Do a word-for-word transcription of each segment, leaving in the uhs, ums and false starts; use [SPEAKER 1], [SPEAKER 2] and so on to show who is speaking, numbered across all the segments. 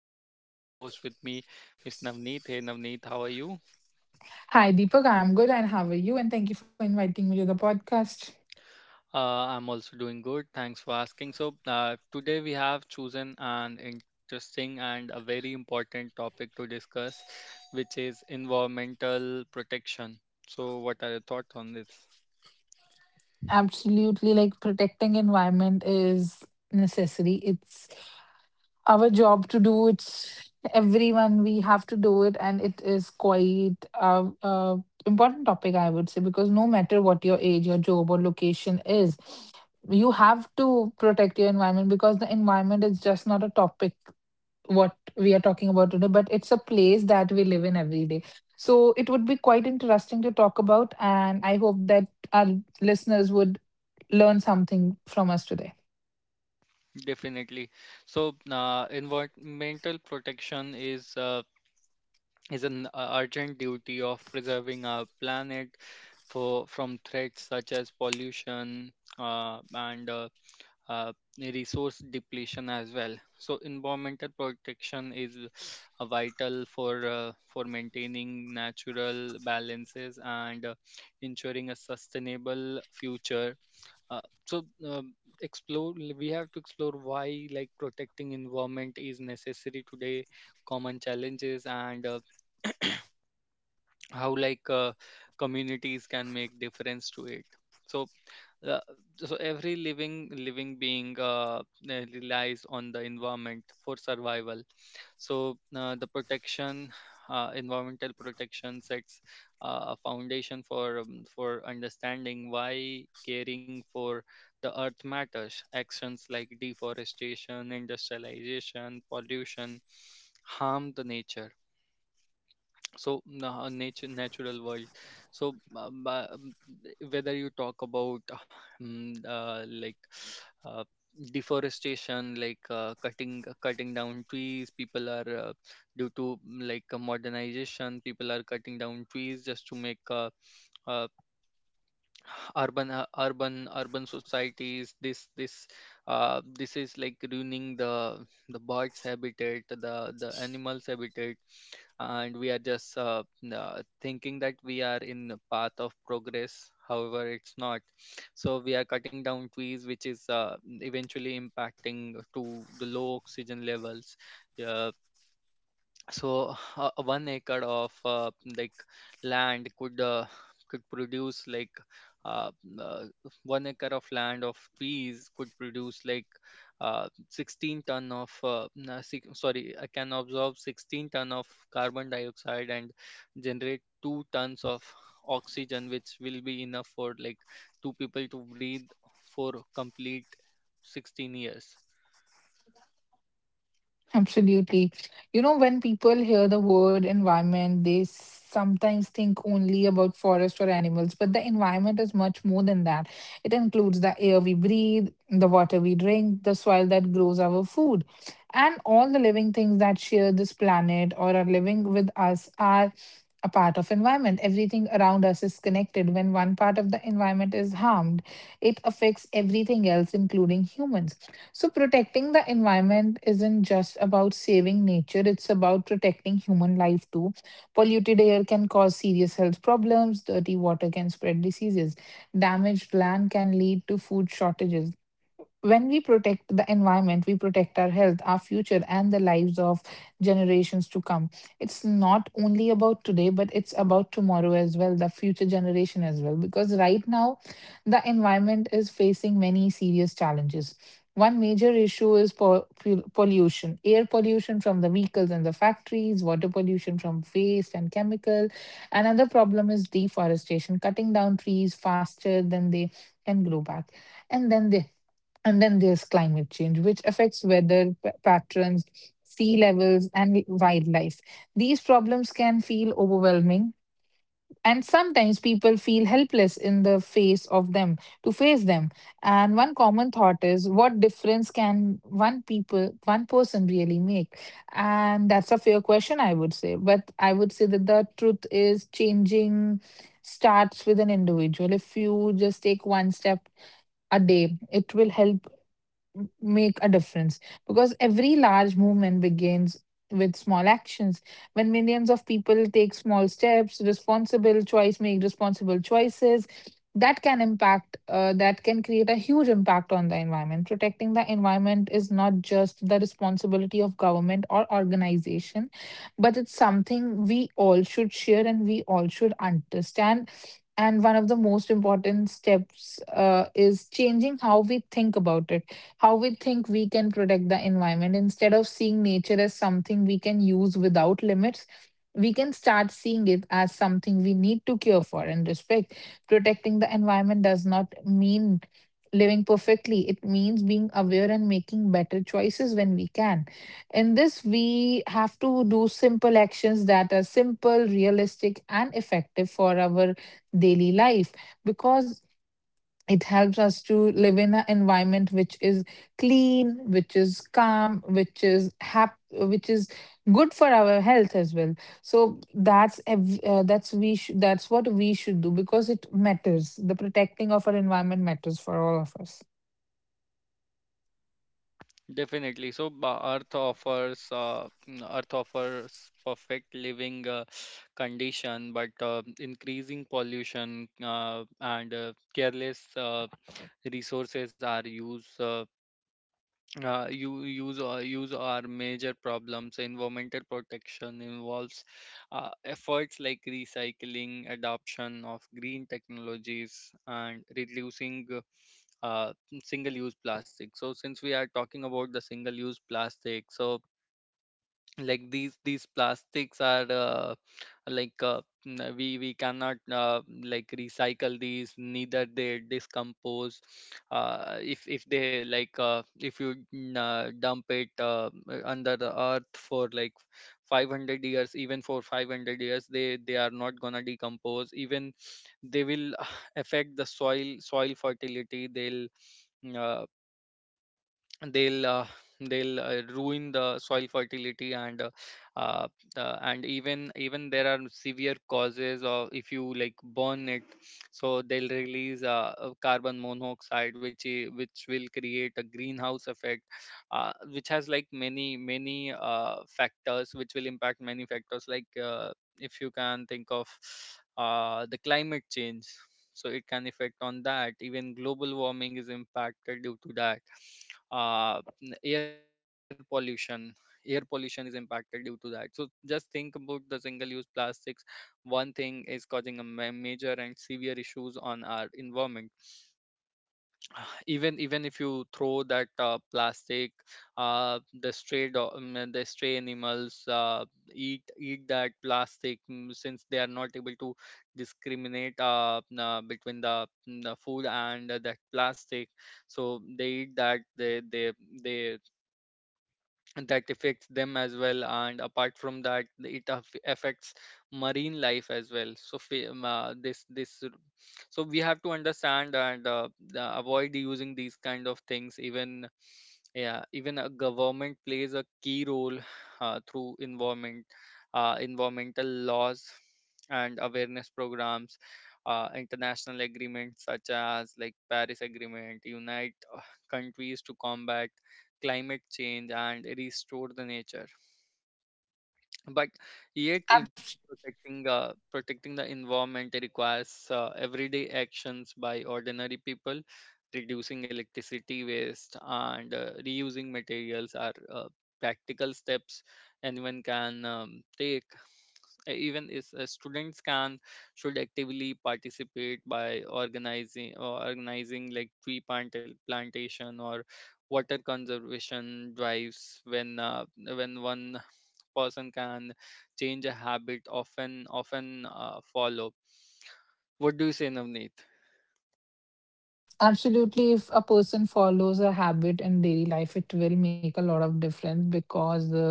[SPEAKER 1] to invite my co-host with me, Miss Navneet. Hey Navneet, how are you?
[SPEAKER 2] Hi, Deepak. I'm good, and how are you? And thank you for inviting me to the podcast.
[SPEAKER 1] Uh, I'm also doing good. Thanks for asking. So uh, today we have chosen an interesting and a very important topic to discuss, which is environmental protection. So what are your thoughts on this?
[SPEAKER 2] Absolutely, like protecting environment is necessary. It's our job to do. It's everyone we have to do it, and it is quite a, a important topic, I would say, because no matter what your age, your job, or location is, you have to protect your environment because the environment is just not a topic what we are talking about today, but it's a place that we live in every day. So it would be quite interesting to talk about, and I hope that our listeners would learn something from us today.
[SPEAKER 1] Definitely. So uh, environmental protection is uh, is an uh, urgent duty of preserving our planet for from threats such as pollution uh, and uh, uh, resource depletion as well. So environmental protection is uh, vital for uh, for maintaining natural balances and uh, ensuring a sustainable future. Uh, so um explore We have to explore why, like, protecting environment is necessary today, common challenges, and uh, how, like uh, communities can make difference to it. so uh, so every living living being uh, uh, relies on the environment for survival. So uh, the protection uh, environmental protection sets uh, a foundation for um, for understanding why caring for the earth matters. Actions like deforestation, industrialization, pollution harm the nature, so na- nature, natural world. So uh, ba- um, whether you talk about uh, mm, uh, like uh, deforestation, like uh, cutting cutting down trees. People are uh, due to mm, like uh, modernization, people are cutting down trees just to make uh, uh, urban, uh, urban urban societies. This this uh, this is like ruining the the birds habitat, the the animals habitat, and we are just uh, uh, thinking that we are in the path of progress. However, it's not. So we are cutting down trees, which is uh, eventually impacting to the low oxygen levels. Uh, so uh, one acre of uh, like land could uh, could produce like uh, uh, one acre of land of peas could produce like uh, sixteen ton of uh, na- si- sorry, I can absorb sixteen ton of carbon dioxide and generate two tons of oxygen, which will be enough for like two people to breathe for complete sixteen years.
[SPEAKER 2] Absolutely. You know, when people hear the word environment, they sometimes think only about forest or animals, but the environment is much more than that. It includes the air we breathe, the water we drink, the soil that grows our food, and all the living things that share this planet or are living with us are a part of environment. Everything around us is connected. When one part of the environment is harmed, it affects everything else, including humans. So, protecting the environment isn't just about saving nature, it's about protecting human life too. Polluted air can cause serious health problems, dirty water can spread diseases, damaged land can lead to food shortages. When we protect the environment, we protect our health, our future, and the lives of generations to come. It's not only about today, but it's about tomorrow as well, the future generation as well. Because right now, the environment is facing many serious challenges. One major issue is po- pu- pollution, air pollution from the vehicles and the factories, water pollution from waste and chemical. Another problem is deforestation, cutting down trees faster than they can grow back. And then the and then there's climate change, which affects weather p- patterns, sea levels, and wildlife. These problems can feel overwhelming, and sometimes people feel helpless in the face of them to face them. And one common thought is, what difference can one people, one person really make? And that's a fair question, I would say. But I would say that the truth is changing starts with an individual. If you just take one step a day, it will help make a difference because every large movement begins with small actions. When millions of people take small steps, responsible choice make responsible choices, that can impact, uh, that can create a huge impact on the environment. Protecting the environment is not just the responsibility of government or organization, but it's something we all should share and we all should understand. And one of the most important steps uh, is changing how we think about it how we think we can protect the environment. Instead of seeing nature as something we can use without limits, we can start seeing it as something we need to care for and respect. Protecting the environment does not mean living perfectly, it means being aware and making better choices when we can. In this, we have to do simple actions that are simple, realistic, and effective for our daily life because it helps us to live in an environment which is clean, which is calm, which is hap- which is good for our health as well. So that's ev- uh, that's we sh- that's what we should do because it matters. The protecting of our environment matters for all of us.
[SPEAKER 1] Definitely. So, ba- Earth offers uh, mm, Earth offers perfect living uh, condition, but uh, increasing pollution uh, and uh, careless uh, resources are used. Uh, uh, you use uh, use our major problems. Environmental protection involves uh, efforts like recycling, adoption of green technologies, and reducing uh, uh, single use plastic. So since we are talking about the single use plastic, so like these these plastics are uh, like uh, n- we we cannot uh, like recycle these, neither they decompose. uh, if if they, like uh, if you mm, uh, dump it uh, uh, under the earth for like five hundred years, even for five hundred years, they they are not gonna decompose. Even they will affect the soil soil fertility. they'll uh, they'll uh, they'll uh, ruin the soil fertility. And uh, uh, the, and even even there are severe causes of, if you like, burn it, so they'll release uh, uh, carbon monoxide, which i- which will create a greenhouse effect, uh, which has like many many uh, factors, which will impact many factors like, uh, if you can think of, uh, the climate change, so it can affect on that. Even global warming is impacted due to that, uh, n- air pollution. Air pollution is impacted due to that. So just think about the single use plastics. One thing is causing a ma- major and severe issues on our environment. Even even if you throw that uh, plastic, uh, the stray do- um, uh, the stray animals uh, eat eat that plastic, mm, since they are not able to discriminate uh, uh, between the, mm, the food and uh, that plastic. So they eat that. They they they That affects them as well. And apart from that, it aff- affects marine life as well. So fa- um, uh, this this r- so we have to understand and uh, uh, avoid using these kind of things. Even, yeah, even a government plays a key role uh, through environment uh, environmental laws and awareness programs. Uh, international agreements such as like Paris agreement unite uh, countries to combat climate change and restore the nature. But yet, im- protecting uh, protecting the environment requires uh, everyday actions by ordinary people. Reducing electricity waste and uh, reusing materials are uh, practical steps anyone can um, take. Uh, even is uh, students can should actively participate by organizing, or organizing like tree plant uh, plantation or water conservation drives. When uh, when one person can change a habit, often often uh, follow. What do you say, Navneet?
[SPEAKER 2] Absolutely, if a person follows a habit in daily life, it will make a lot of difference because the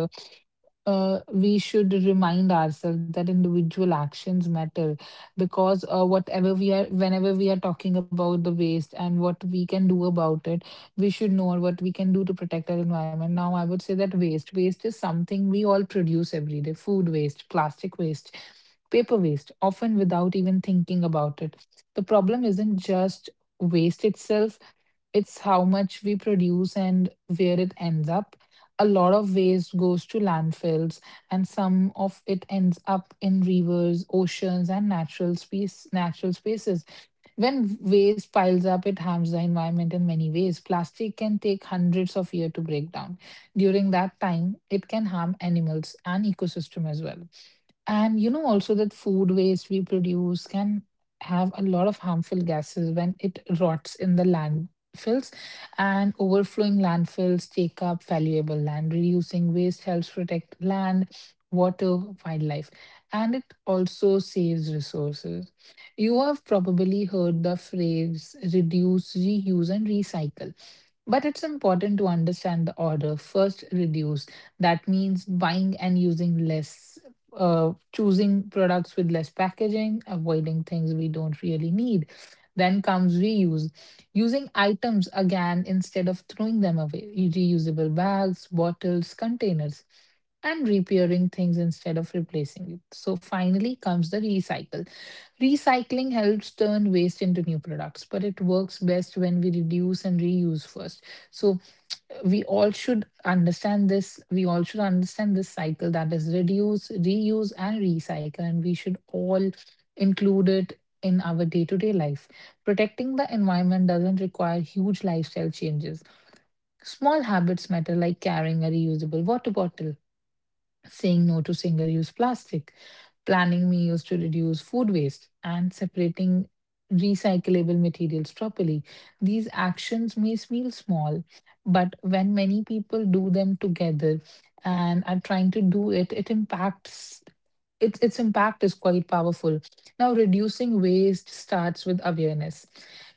[SPEAKER 2] uh, we should remind ourselves that individual actions matter because uh, whatever we are whenever we are talking about the waste and what we can do about it, we should know what we can do to protect our environment. Now, I would say that waste waste is something we all produce every day, food waste, plastic waste, paper waste, often without even thinking about it. The problem isn't just waste itself, it's how much we produce and where it ends up. A lot of waste goes to landfills, and some of it ends up in rivers, oceans, and natural space, natural spaces. When waste piles up, it harms the environment in many ways. Plastic can take hundreds of years to break down. During that time, it can harm animals and ecosystem as well. And you know also that food waste we produce can have a lot of harmful gases when it rots in the landfills, and overflowing landfills take up valuable land. Reducing waste helps protect land, water, wildlife, and it also saves resources. You have probably heard the phrase reduce, reuse, and recycle. But it's important to understand the order. First, reduce. That means buying and using less, uh, choosing products with less packaging, avoiding things we don't really need. Then comes reuse, using items again instead of throwing them away, reusable bags, bottles, containers, and repairing things instead of replacing it. So finally comes the recycle. Recycling helps turn waste into new products, but it works best when we reduce and reuse first. So uh, we all should understand this. We all should understand this cycle, that is reduce, reuse, and recycle, and we should all include it in our day-to-day life. Protecting the environment doesn't require huge lifestyle changes. Small habits matter, like carrying a reusable water bottle, saying no to single use plastic, planning meals to reduce food waste, and separating recyclable materials properly. These actions may seem small, but when many people do them together and are trying to do it, it impacts its its impact is quite powerful. Now, reducing waste starts with awareness,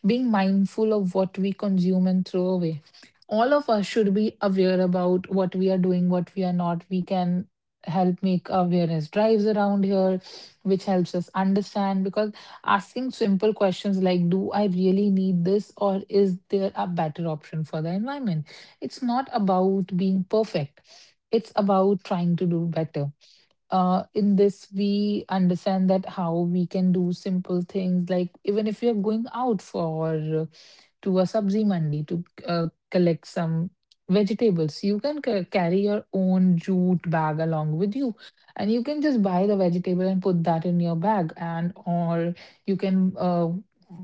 [SPEAKER 2] being mindful of what we consume and throw away. All of us should be aware about what we are doing, what we are not. We can help make awareness drives around here, which helps us understand because asking simple questions like, do I really need this, or is there a better option for the environment? It's not about being perfect, it's about trying to do better. Uh, in this, we understand that how we can do simple things, like even if you're going out for uh, to a sabzi mandi to uh, collect some vegetables, you can ca- carry your own jute bag along with you, and you can just buy the vegetable and put that in your bag. And or you can uh,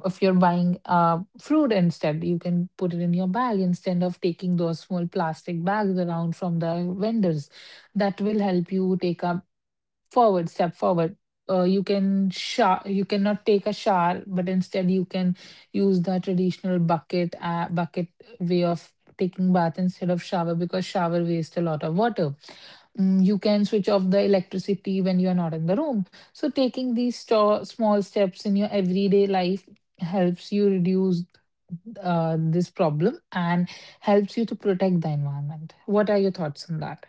[SPEAKER 2] if you're buying uh, fruit instead, you can put it in your bag instead of taking those small plastic bags around from the vendors. That will help you take up forward step forward. Uh, you can shower you cannot take a shower, but instead you can use the traditional bucket, uh, bucket way of taking bath instead of shower because shower wastes a lot of water. Mm, you can switch off the electricity when you are not in the room. So taking these sto- small steps in your everyday life helps you reduce uh, this problem and helps you to protect the environment. What are your thoughts on that?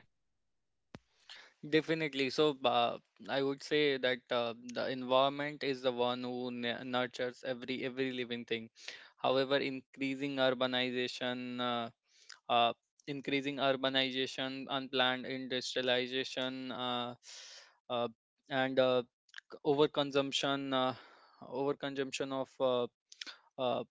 [SPEAKER 1] Definitely. So, uh, I would say that uh, the environment is the one who n- nurtures every every living thing. However, increasing urbanization, uh, uh, increasing urbanization, unplanned industrialization, uh, uh, and uh, overconsumption, uh, overconsumption of, uh, uh,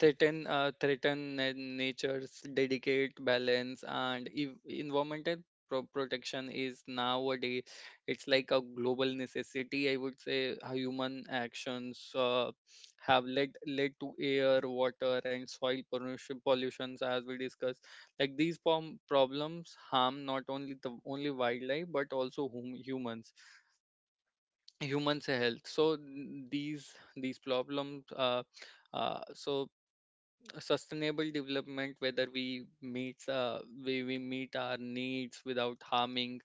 [SPEAKER 1] threaten, uh, threaten na- nature's delicate balance. And ev- environmental pro- protection is nowadays, it's like a global necessity, I would say. How human actions uh, have led led to air, water, and soil pollution, pollutions as we discussed, like these prom- problems harm not only the only wildlife but also hum- humans, humans health. So n- these these problems, uh, uh, so sustainable development, whether we meets uh, we, we meet our needs without harming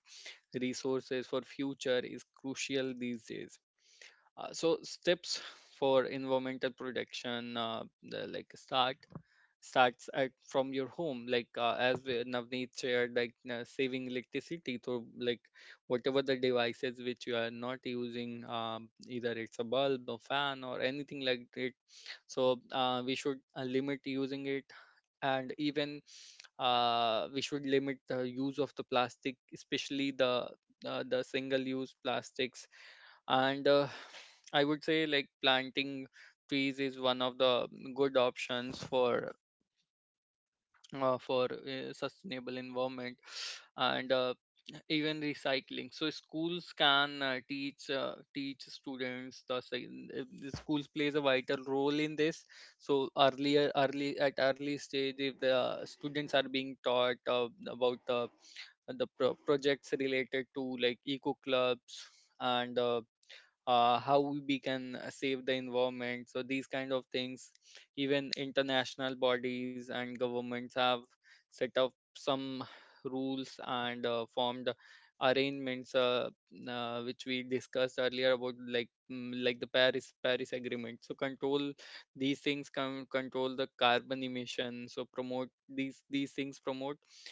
[SPEAKER 1] resources for future, is crucial these days. Uh, so steps for environmental protection uh, the, like start starts at from your home, like uh, as uh, Navneet shared, like uh, saving electricity through like whatever the devices which you are not using, um, either it's a bulb, a fan, or anything like it. So uh, we should uh, limit using it. And even uh, we should limit the use of the plastic, especially the uh, the single use plastics. And uh, I would say like planting trees is one of the good options for uh, for uh, sustainable environment. And uh, even recycling. So schools can uh, teach uh, teach students the, sci- uh, the schools plays a vital role in this. So earlier, early at early stage, if the students are being taught uh, about uh, the pro- projects related to like eco clubs and uh, uh, how we can uh, save the environment. So these kind of things, even international bodies and governments have set up some rules and uh, formed arrangements, uh, uh, which we discussed earlier about, like, mm, like the paris paris agreement. So control, these things can control the carbon emission. So promote, these these things promote uh,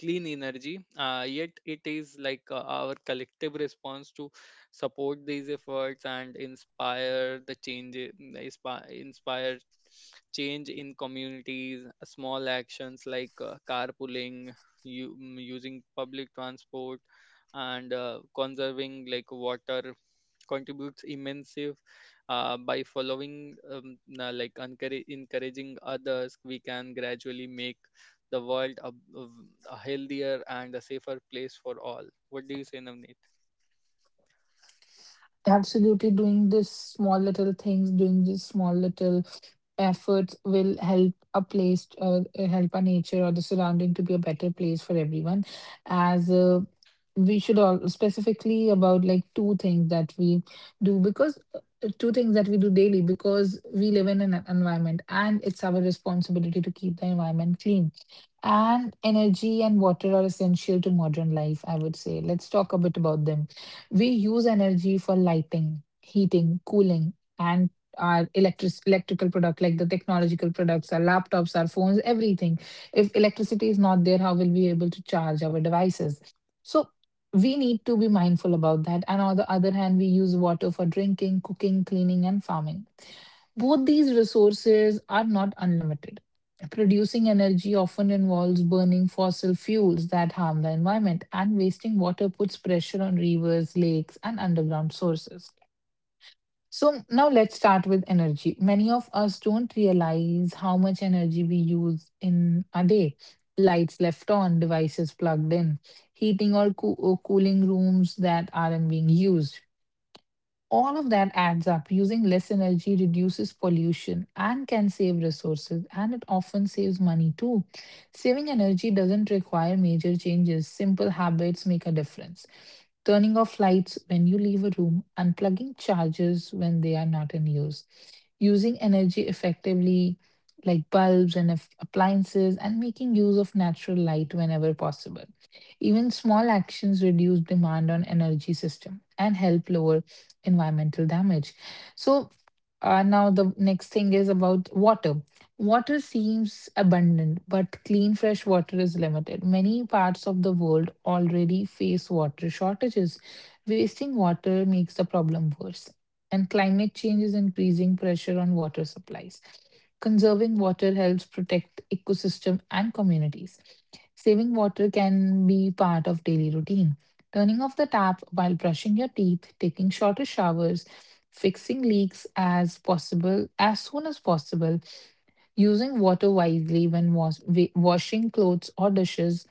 [SPEAKER 1] clean energy. Uh, yet it is like uh, our collective response to support these efforts and inspire the change, inspi- inspire change in communities. Small actions like uh, carpooling, you, using public transport, and uh, conserving like water contributes immensely. Uh, by following, um, na- like encourage, encouraging others, we can gradually make the world a, a- a healthier and a safer place for all. What do you say, Navneet?
[SPEAKER 2] Absolutely, doing this small little things, doing this small little efforts will help a place or help our nature or the surrounding to be a better place for everyone. As uh, we should all specifically about like two things that we do because uh, two things that we do daily because we live in an environment, and it's our responsibility to keep the environment clean. And energy and water are essential to modern life, I would say. Let's talk a bit about them. We use energy for lighting, heating, cooling, and our electric electrical product like the technological products, our laptops, our phones, everything. If electricity is not there, how will we able to charge our devices? So we need to be mindful about that. And on the other hand, we use water for drinking, cooking, cleaning, and farming. Both these resources are not unlimited. Producing energy often involves burning fossil fuels that harm the environment, and wasting water puts pressure on rivers, lakes, and underground sources. So, now let's start with energy. Many of us don't realize how much energy we use in a day. Lights left on, devices plugged in, heating or, coo- or cooling rooms that aren't being used. All of that adds up. Using less energy reduces pollution and can save resources, and it often saves money too. Saving energy doesn't require major changes, simple habits make a difference. Turning off lights when you leave a room, unplugging chargers when they are not in use, using energy effectively like bulbs and aff- appliances, and making use of natural light whenever possible. Even small actions reduce demand on energy system and help lower environmental damage. So uh, now the next thing is about water. Water seems abundant, but clean fresh water is limited. Many parts of the world already face water shortages. Wasting water makes the problem worse. And climate change is increasing pressure on water supplies. Conserving water helps protect ecosystem and communities. Saving water can be part of daily routine. Turning off the tap while brushing your teeth, taking shorter showers, fixing leaks as possible as soon as possible, using water wisely when was- wa- washing clothes or dishes.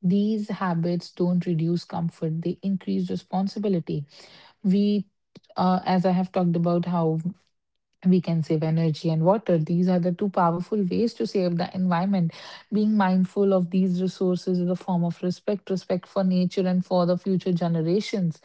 [SPEAKER 2] These habits don't reduce comfort, they increase responsibility. We, uh, as I have talked about, how we can save energy and water. These are the two powerful ways to save the environment. Being mindful of these resources is a form of respect, respect for nature and for the future generations.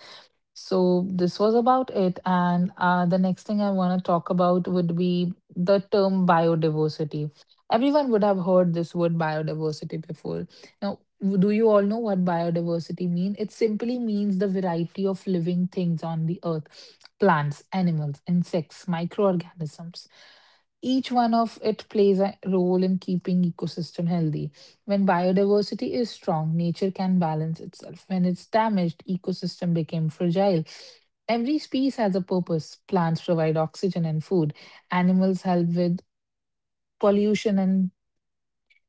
[SPEAKER 2] So this was about it. And uh, The next thing I want to talk about would be the term biodiversity. Everyone would have heard this word biodiversity before. Now, w- do you all know what biodiversity mean? It simply means the variety of living things on the earth, plants, animals, insects, microorganisms. Each one of it plays a role in keeping ecosystem healthy. When biodiversity is strong, nature can balance itself. When it's damaged, ecosystem became fragile. Every species has a purpose. Plants provide oxygen and food. Animals help with pollution and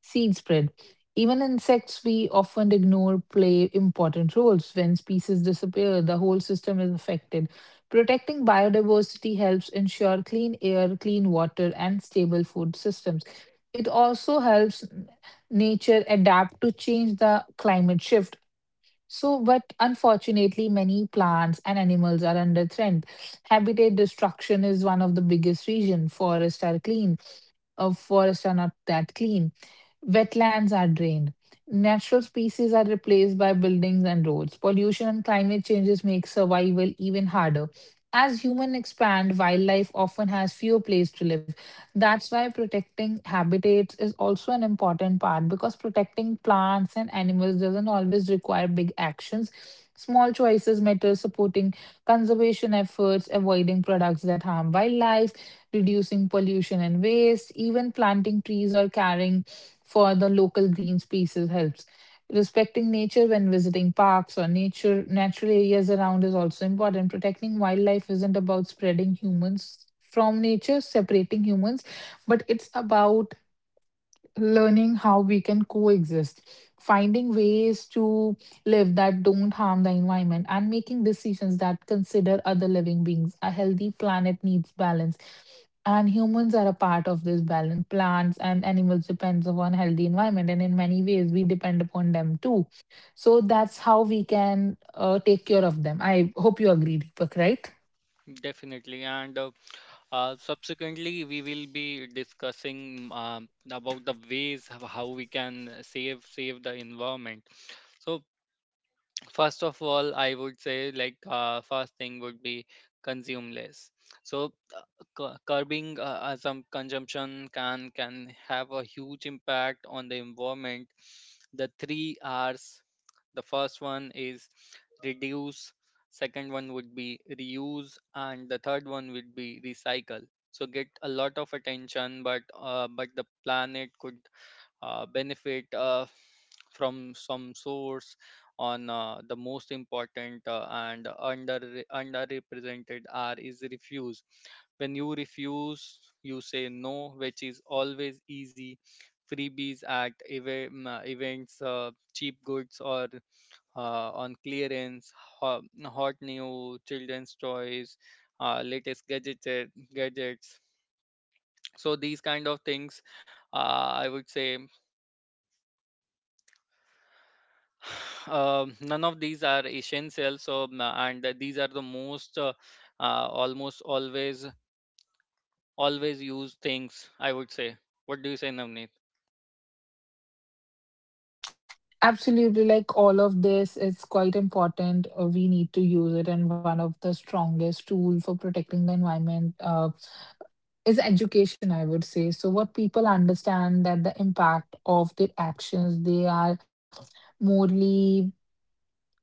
[SPEAKER 2] seed spread. Even insects we often ignore play important roles. When species disappear, the whole system is affected. Protecting biodiversity helps ensure clean air, clean water, and stable food systems. It also helps n- nature adapt to change the climate shift. So, but unfortunately, many plants and animals are under threat. Habitat destruction is one of the biggest reasons. Forests are clean uh, forests are not that clean. Wetlands are drained. Natural species are replaced by buildings and roads. Pollution and climate changes make survival even harder. As humans expand, wildlife often has fewer places to live. That's why protecting habitats is also an important part because protecting plants and animals doesn't always require big actions. Small choices matter, supporting conservation efforts, avoiding products that harm wildlife, reducing pollution and waste. Even planting trees or caring for the local green spaces helps. Respecting nature when visiting parks or nature natural areas around is also important. Protecting wildlife isn't about spreading humans from nature, separating humans, but it's about learning how we can coexist, finding ways to live that don't harm the environment, and making decisions that consider other living beings. A healthy planet needs balance. And humans are a part of this balance. Plants and animals depends upon healthy environment, and in many ways we depend upon them too. So that's how we can uh, take care of them. I hope you agree, Deepak, right?
[SPEAKER 1] Definitely. And uh, uh, subsequently, we will be discussing um, about the ways of how we can save save the environment. So first of all, I would say, like, uh, first thing would be consume less. So uh, cu- curbing uh, uh, some consumption can can have a huge impact on the environment. The three R's. The first one is reduce. Second one would be reuse, and the third one would be recycle. So get a lot of attention, but uh, but the planet could uh, benefit uh, from some source. On uh, The most important uh, and under, underrepresented are is refuse. When you refuse, you say no, which is always easy. Freebies at eva- mm, uh, events, uh, cheap goods or uh, on clearance, ho- hot new children's toys, uh, latest gadgets gadgets So these kind of things, uh, I would say. Um, none of these are essential. So um, uh, and uh, these are the most, uh, uh, almost always always used things, I would say. What do you say, Navneet?
[SPEAKER 2] Absolutely, like all of this is quite important. Uh, we need to use it, and one of the strongest tool for protecting the environment uh, is education. I would say so. What people understand that the impact of their actions, they are morely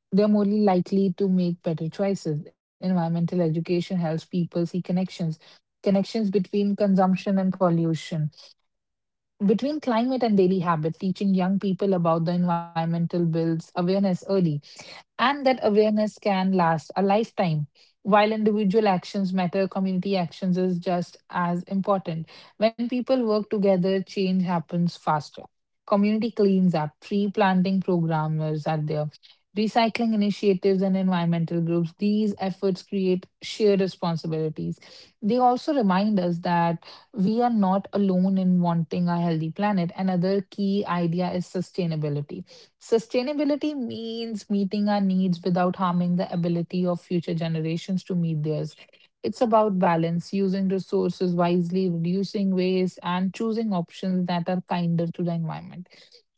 [SPEAKER 2] they're morely likely to make better choices. Environmental education helps people see connections, connections between consumption and pollution between climate and daily habit, teaching young people about the environmental builds awareness early, and that awareness can last a lifetime. While individual actions matter, community actions is just as important. When people work together, change happens faster. Community cleans up, tree planting programmers are there, recycling initiatives, and environmental groups. These efforts create shared responsibilities. They also remind us that we are not alone in wanting a healthy planet. Another key idea is sustainability. Sustainability means meeting our needs without harming the ability of future generations to meet theirs. It's about balance, using resources wisely, reducing waste, and choosing options that are kinder to the environment.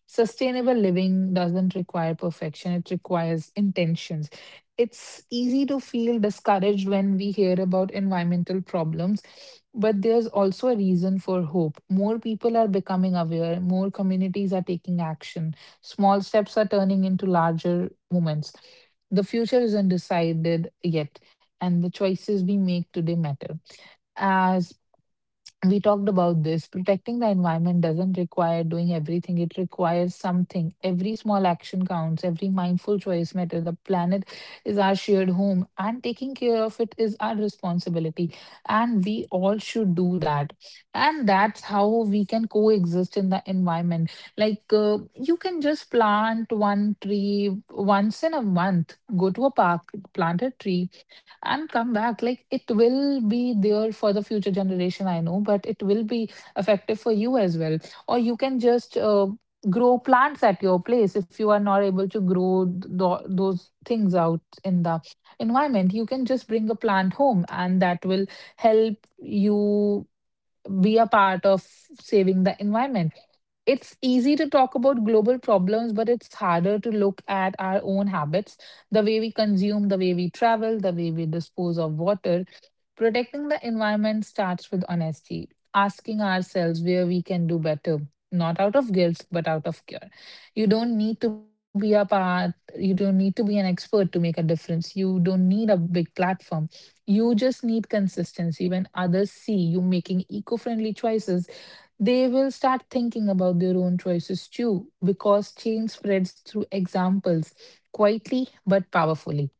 [SPEAKER 2] Sustainable living doesn't require perfection, it requires intentions. It's easy to feel discouraged when we hear about environmental problems but there's also a reason for hope. More people are becoming aware, more communities are taking action, small steps are turning into larger movements. The future is undecided yet, and the choices we make today matter. As we talked about this, protecting the environment doesn't require doing everything, it requires something. Every small action counts, every mindful choice matters. The planet is our shared home and taking care of it is our responsibility, and we all should do that, and that's how we can coexist in the environment. Like uh, you can just plant one tree once in a month, go to a park, plant a tree, and come back. Like it will be there for the future generation, I know, but it will be effective for you as well. Or you can just uh, grow plants at your place if you are not able to grow th- tho- those things out in the environment. You can just bring a plant home, and that will help you be a part of saving the environment. It's easy to talk about global problems, but it's harder to look at our own habits, the way we consume, the way we travel, the way we dispose of water. Protecting the environment starts with honesty, asking ourselves where we can do better, not out of guilt, but out of care. You don't need to be a part, you don't need to be an expert to make a difference. You don't need a big platform. You just need consistency. When others see you making eco friendly choices, they will start thinking about their own choices too, because change spreads through examples, quietly but powerfully.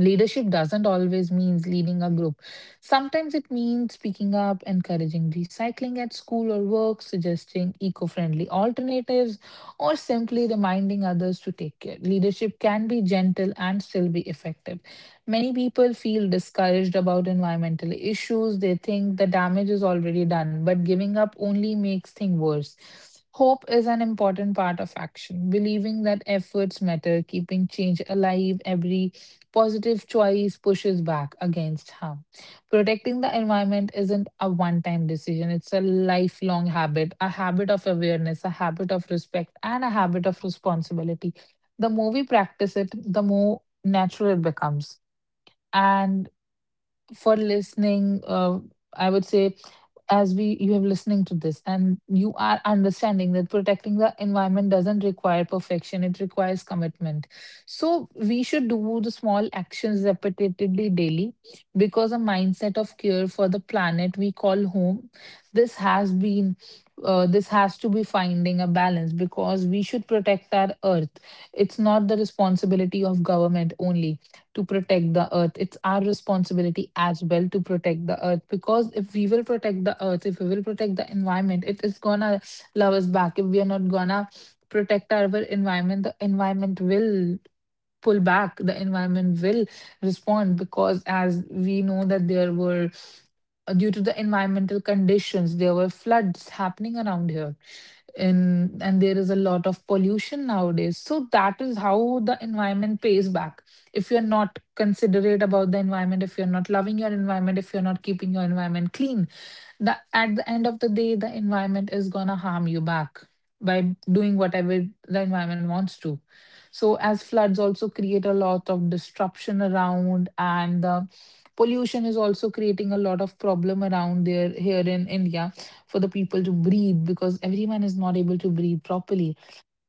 [SPEAKER 2] Leadership doesn't always means leading a group. Sometimes it means speaking up, encouraging recycling at school or work, suggesting eco-friendly alternatives, or simply reminding others to take care. Leadership can be gentle and still be effective. Many people feel discouraged about environmental issues. They think the damage is already done, but giving up only makes things worse. Hope is an important part of action. Believing that efforts matter, keeping change alive, every positive choice pushes back against harm. Protecting the environment isn't a one time decision, it's a lifelong habit, a habit of awareness, a habit of respect, and a habit of responsibility. The more we practice it, the more natural it becomes. And for listening, uh, I would say, as we you have listening to this and you are understanding that protecting the environment doesn't require perfection, it requires commitment. So we should do the small actions repeatedly daily, because a mindset of care for the planet we call home. this has been uh, this has to be finding a balance because we should protect our earth. It's not the responsibility of government only to protect the earth. It's our responsibility as well to protect the earth, because if we will protect the earth, if we will protect the environment, it is gonna love us back. If we are not gonna protect our environment, the environment will pull back, the environment will respond, because as we know that there were uh, due to the environmental conditions, there were floods happening around here in, and there is a lot of pollution nowadays, so that is how the environment pays back. If you're not considerate about the environment, if you're not loving your environment, if you're not keeping your environment clean, the at the end of the day, the environment is going to harm you back by doing whatever the environment wants to. So as floods also create a lot of disruption around, and the pollution is also creating a lot of problem around there here in india, for the people to breathe, because everyone is not able to breathe properly.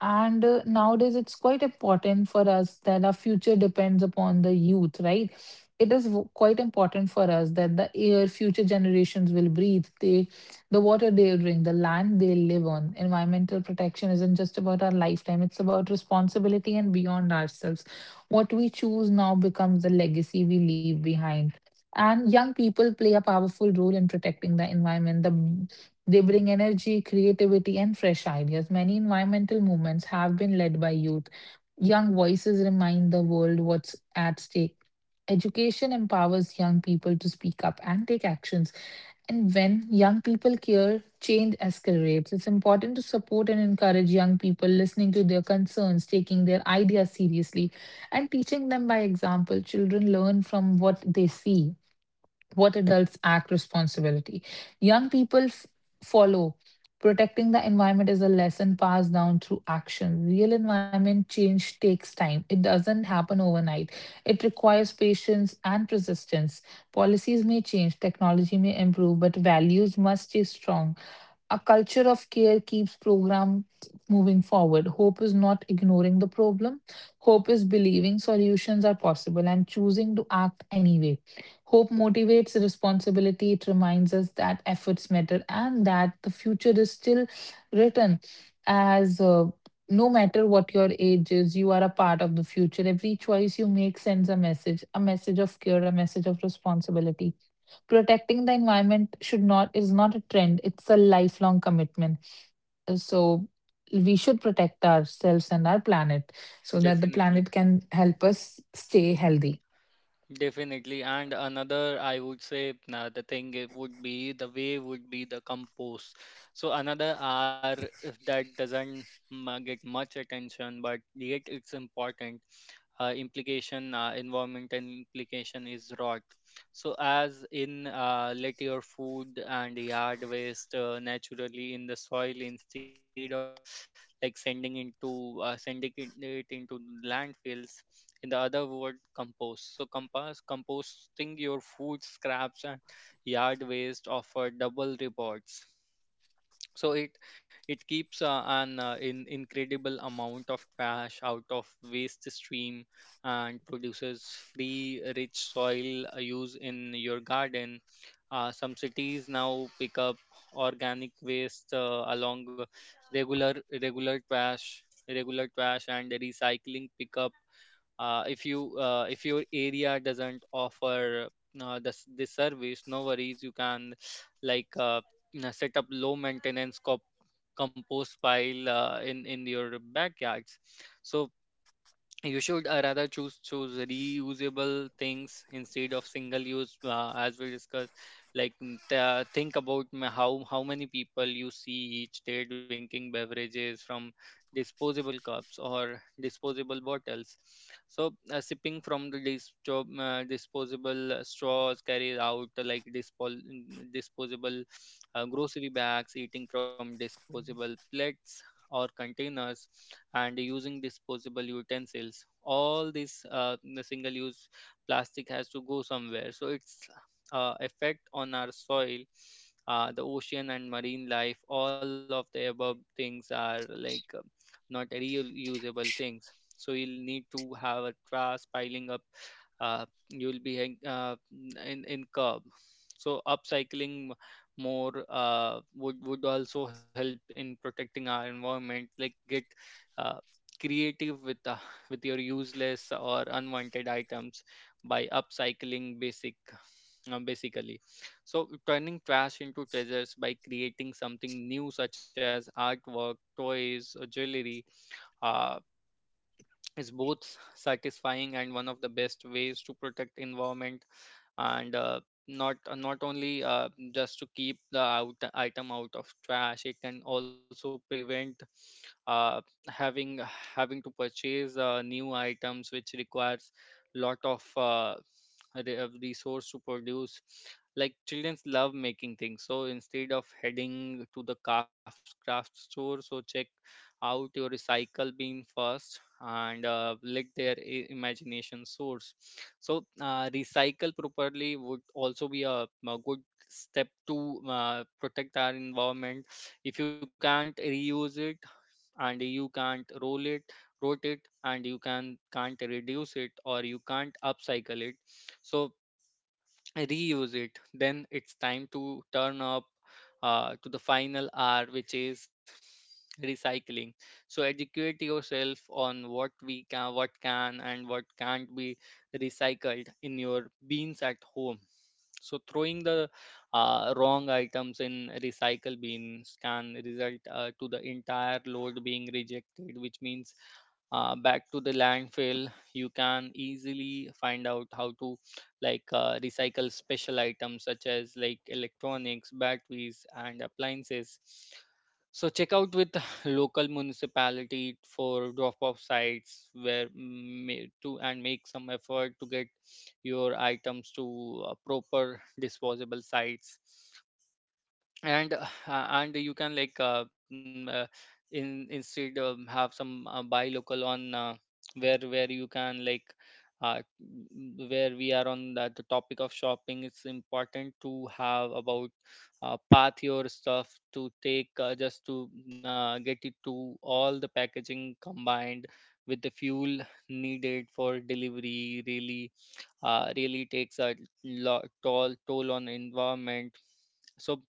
[SPEAKER 2] And uh, Nowadays, it's quite important for us that our future depends upon the youth, right? It is w- quite important for us that the air future generations will breathe, they, the water they'll drink, the land they'll live on. Environmental protection isn't just about our lifetime, it's about responsibility and beyond ourselves. What we choose now becomes the legacy we leave behind. And young people play a powerful role in protecting the environment. The they bring energy, creativity, and fresh ideas. Many environmental movements have been led by youth. Young voices remind the world what's at stake. Education empowers young people to speak up and take actions. And when young people care, change escalates. It's important to support and encourage young people, listening to their concerns, taking their ideas seriously, and teaching them by example. Children learn from what they see. What adults act responsibility, young people f- follow. Protecting the environment is a lesson passed down through action. Real environment change takes time, it doesn't happen overnight. It requires patience and persistence. Policies may change, technology may improve, but values must stay strong. A culture of care keeps programs moving forward. Hope is not ignoring the problem. Hope is believing solutions are possible and choosing to act anyway. Hope motivates responsibility. It reminds us that efforts matter and that the future is still written. As uh, no matter what your age is, you are a part of the future. Every choice you make sends a message, a message of care, a message of responsibility. Protecting the environment should not is not a trend, it's a lifelong commitment. So we should protect ourselves and our planet, so that the
[SPEAKER 1] definitely
[SPEAKER 2] planet can help us stay healthy.
[SPEAKER 1] Definitely. And another, I would say, uh, the thing it would be the way would be the compost. So another R, if that doesn't mm, uh, get much attention, but yet it's important. Uh, implication, uh, environmental implication is rot. So as in, uh, let your food and yard waste uh, naturally in the soil instead of like sending into uh, sending it it into landfills, in the other word, compost. So compost composting your food scraps and yard waste offer double rewards. So it it keeps uh, an uh, in incredible amount of trash out of waste stream and produces free rich soil uh, use in your garden. Uh, some cities now pick up organic waste uh, along regular, regular trash regular trash and recycling pickup. Uh, if you uh, if your area doesn't offer uh, this this service, no worries, you can like uh, you know, set up low maintenance cop- compost pile uh, in in your backyards. So you should uh, Rather choose choose reusable things instead of single use, uh, as we discussed. Like n- th- think about ma- how how many people you see each day drinking beverages from disposable cups or disposable bottles. So uh, sipping from the dis- job, uh, disposable uh, straws, carried out uh, like dispol- mm, disposable uh, grocery bags, eating from disposable plates or containers, and using disposable utensils. All this, uh, the single use plastic, has to go somewhere, so its uh, effect on our soil, uh, the ocean and marine life. All of the above things are like uh, not real usable things, so you'll need to have a trash piling up. uh, you'll be hang- uh, in in curb. So upcycling more, uh, would would also help in protecting our environment. Like get uh, creative with uh, with your useless or unwanted items by upcycling basic uh, basically. So turning trash into treasures by creating something new such as artwork, toys or jewelry uh, is both satisfying and one of the best ways to protect environment. And uh, not uh, Not only uh, just to keep the out, item out of trash, it can also prevent uh, having having to purchase uh, new items, which requires lot of uh, re- uh, resource to produce. Like childrens love making things, so instead of heading to the craft craft store, so check out your recycle bin first and uh, let their i- imagination source. So, uh, recycle properly would also be a, a good step to uh, protect our environment. If you can't reuse it, and you can't roll it rotate, and you can can't reduce it, or you can't upcycle it, so reuse it, then it's time to turn up uh, to the final R, which is recycling. So educate yourself on what we can what can and what can't be recycled in your beans at home. So throwing the uh, wrong items in recycle bins can result uh, to the entire load being rejected, which means uh, back to the landfill. You can easily find out how to like uh, recycle special items such as like electronics, batteries, and appliances. So check out with local municipality for drop-off sites where mm, ma- to and make some effort to get your items to uh, proper disposable sites. And uh, and you can like uh, mm, uh, in instead um, have some, uh, buy local. On uh, where where you can like uh, mm, where we are on the, the topic of shopping, it's important to have about uh, path your stuff to take, uh, just to uh, get it to. All the packaging combined with the fuel needed for delivery really, uh, really takes a lo- toll toll on environment. So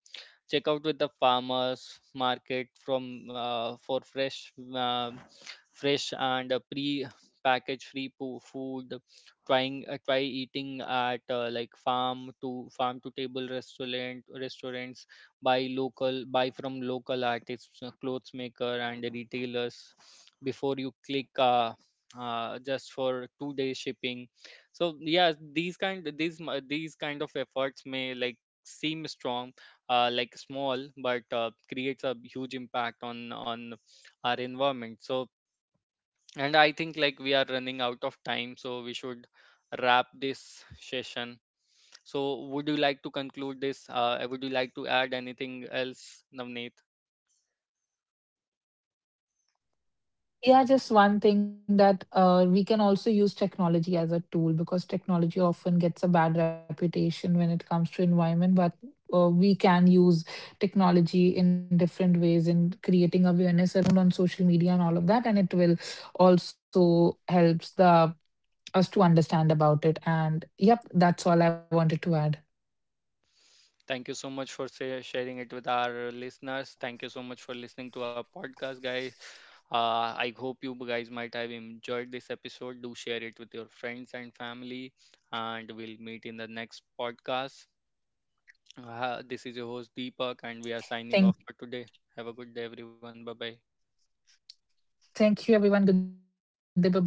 [SPEAKER 1] check out with the farmers market from uh, for fresh uh, fresh and uh, pre package free po- food. Trying uh, try eating at uh, like farm to farm to table restaurant restaurants. Buy local, buy from local artists, uh, clothes maker and retailers, before you click, uh, uh, just for two day shipping. So yeah these kind these mi- these kind of efforts may like seem strong uh, like small, but uh, creates a huge impact on on our environment. So and I think like we are running out of time, so we should wrap this session. So would you like to conclude this, uh, would you like to add anything else, Navneet?
[SPEAKER 2] Yeah, just one thing that uh, we can also use technology as a tool, because technology often gets a bad reputation when it comes to environment, but uh, we can use technology in different ways in creating awareness around on social media and all of that, and it will also helps the us to understand about it. And yep, that's all I wanted to add.
[SPEAKER 1] Thank you so much for sa- sharing it with our listeners. Thank you so much for listening to our podcast, guys. Uh, I hope you guys might have enjoyed this episode. Do share it with your friends and family, and we'll meet in the next podcast. Uh, this is your host Deepak, and we are signing
[SPEAKER 2] Thank,
[SPEAKER 1] off for today. Have a good day, everyone. Bye bye.
[SPEAKER 2] thank you, everyone. Good day. Bye bye.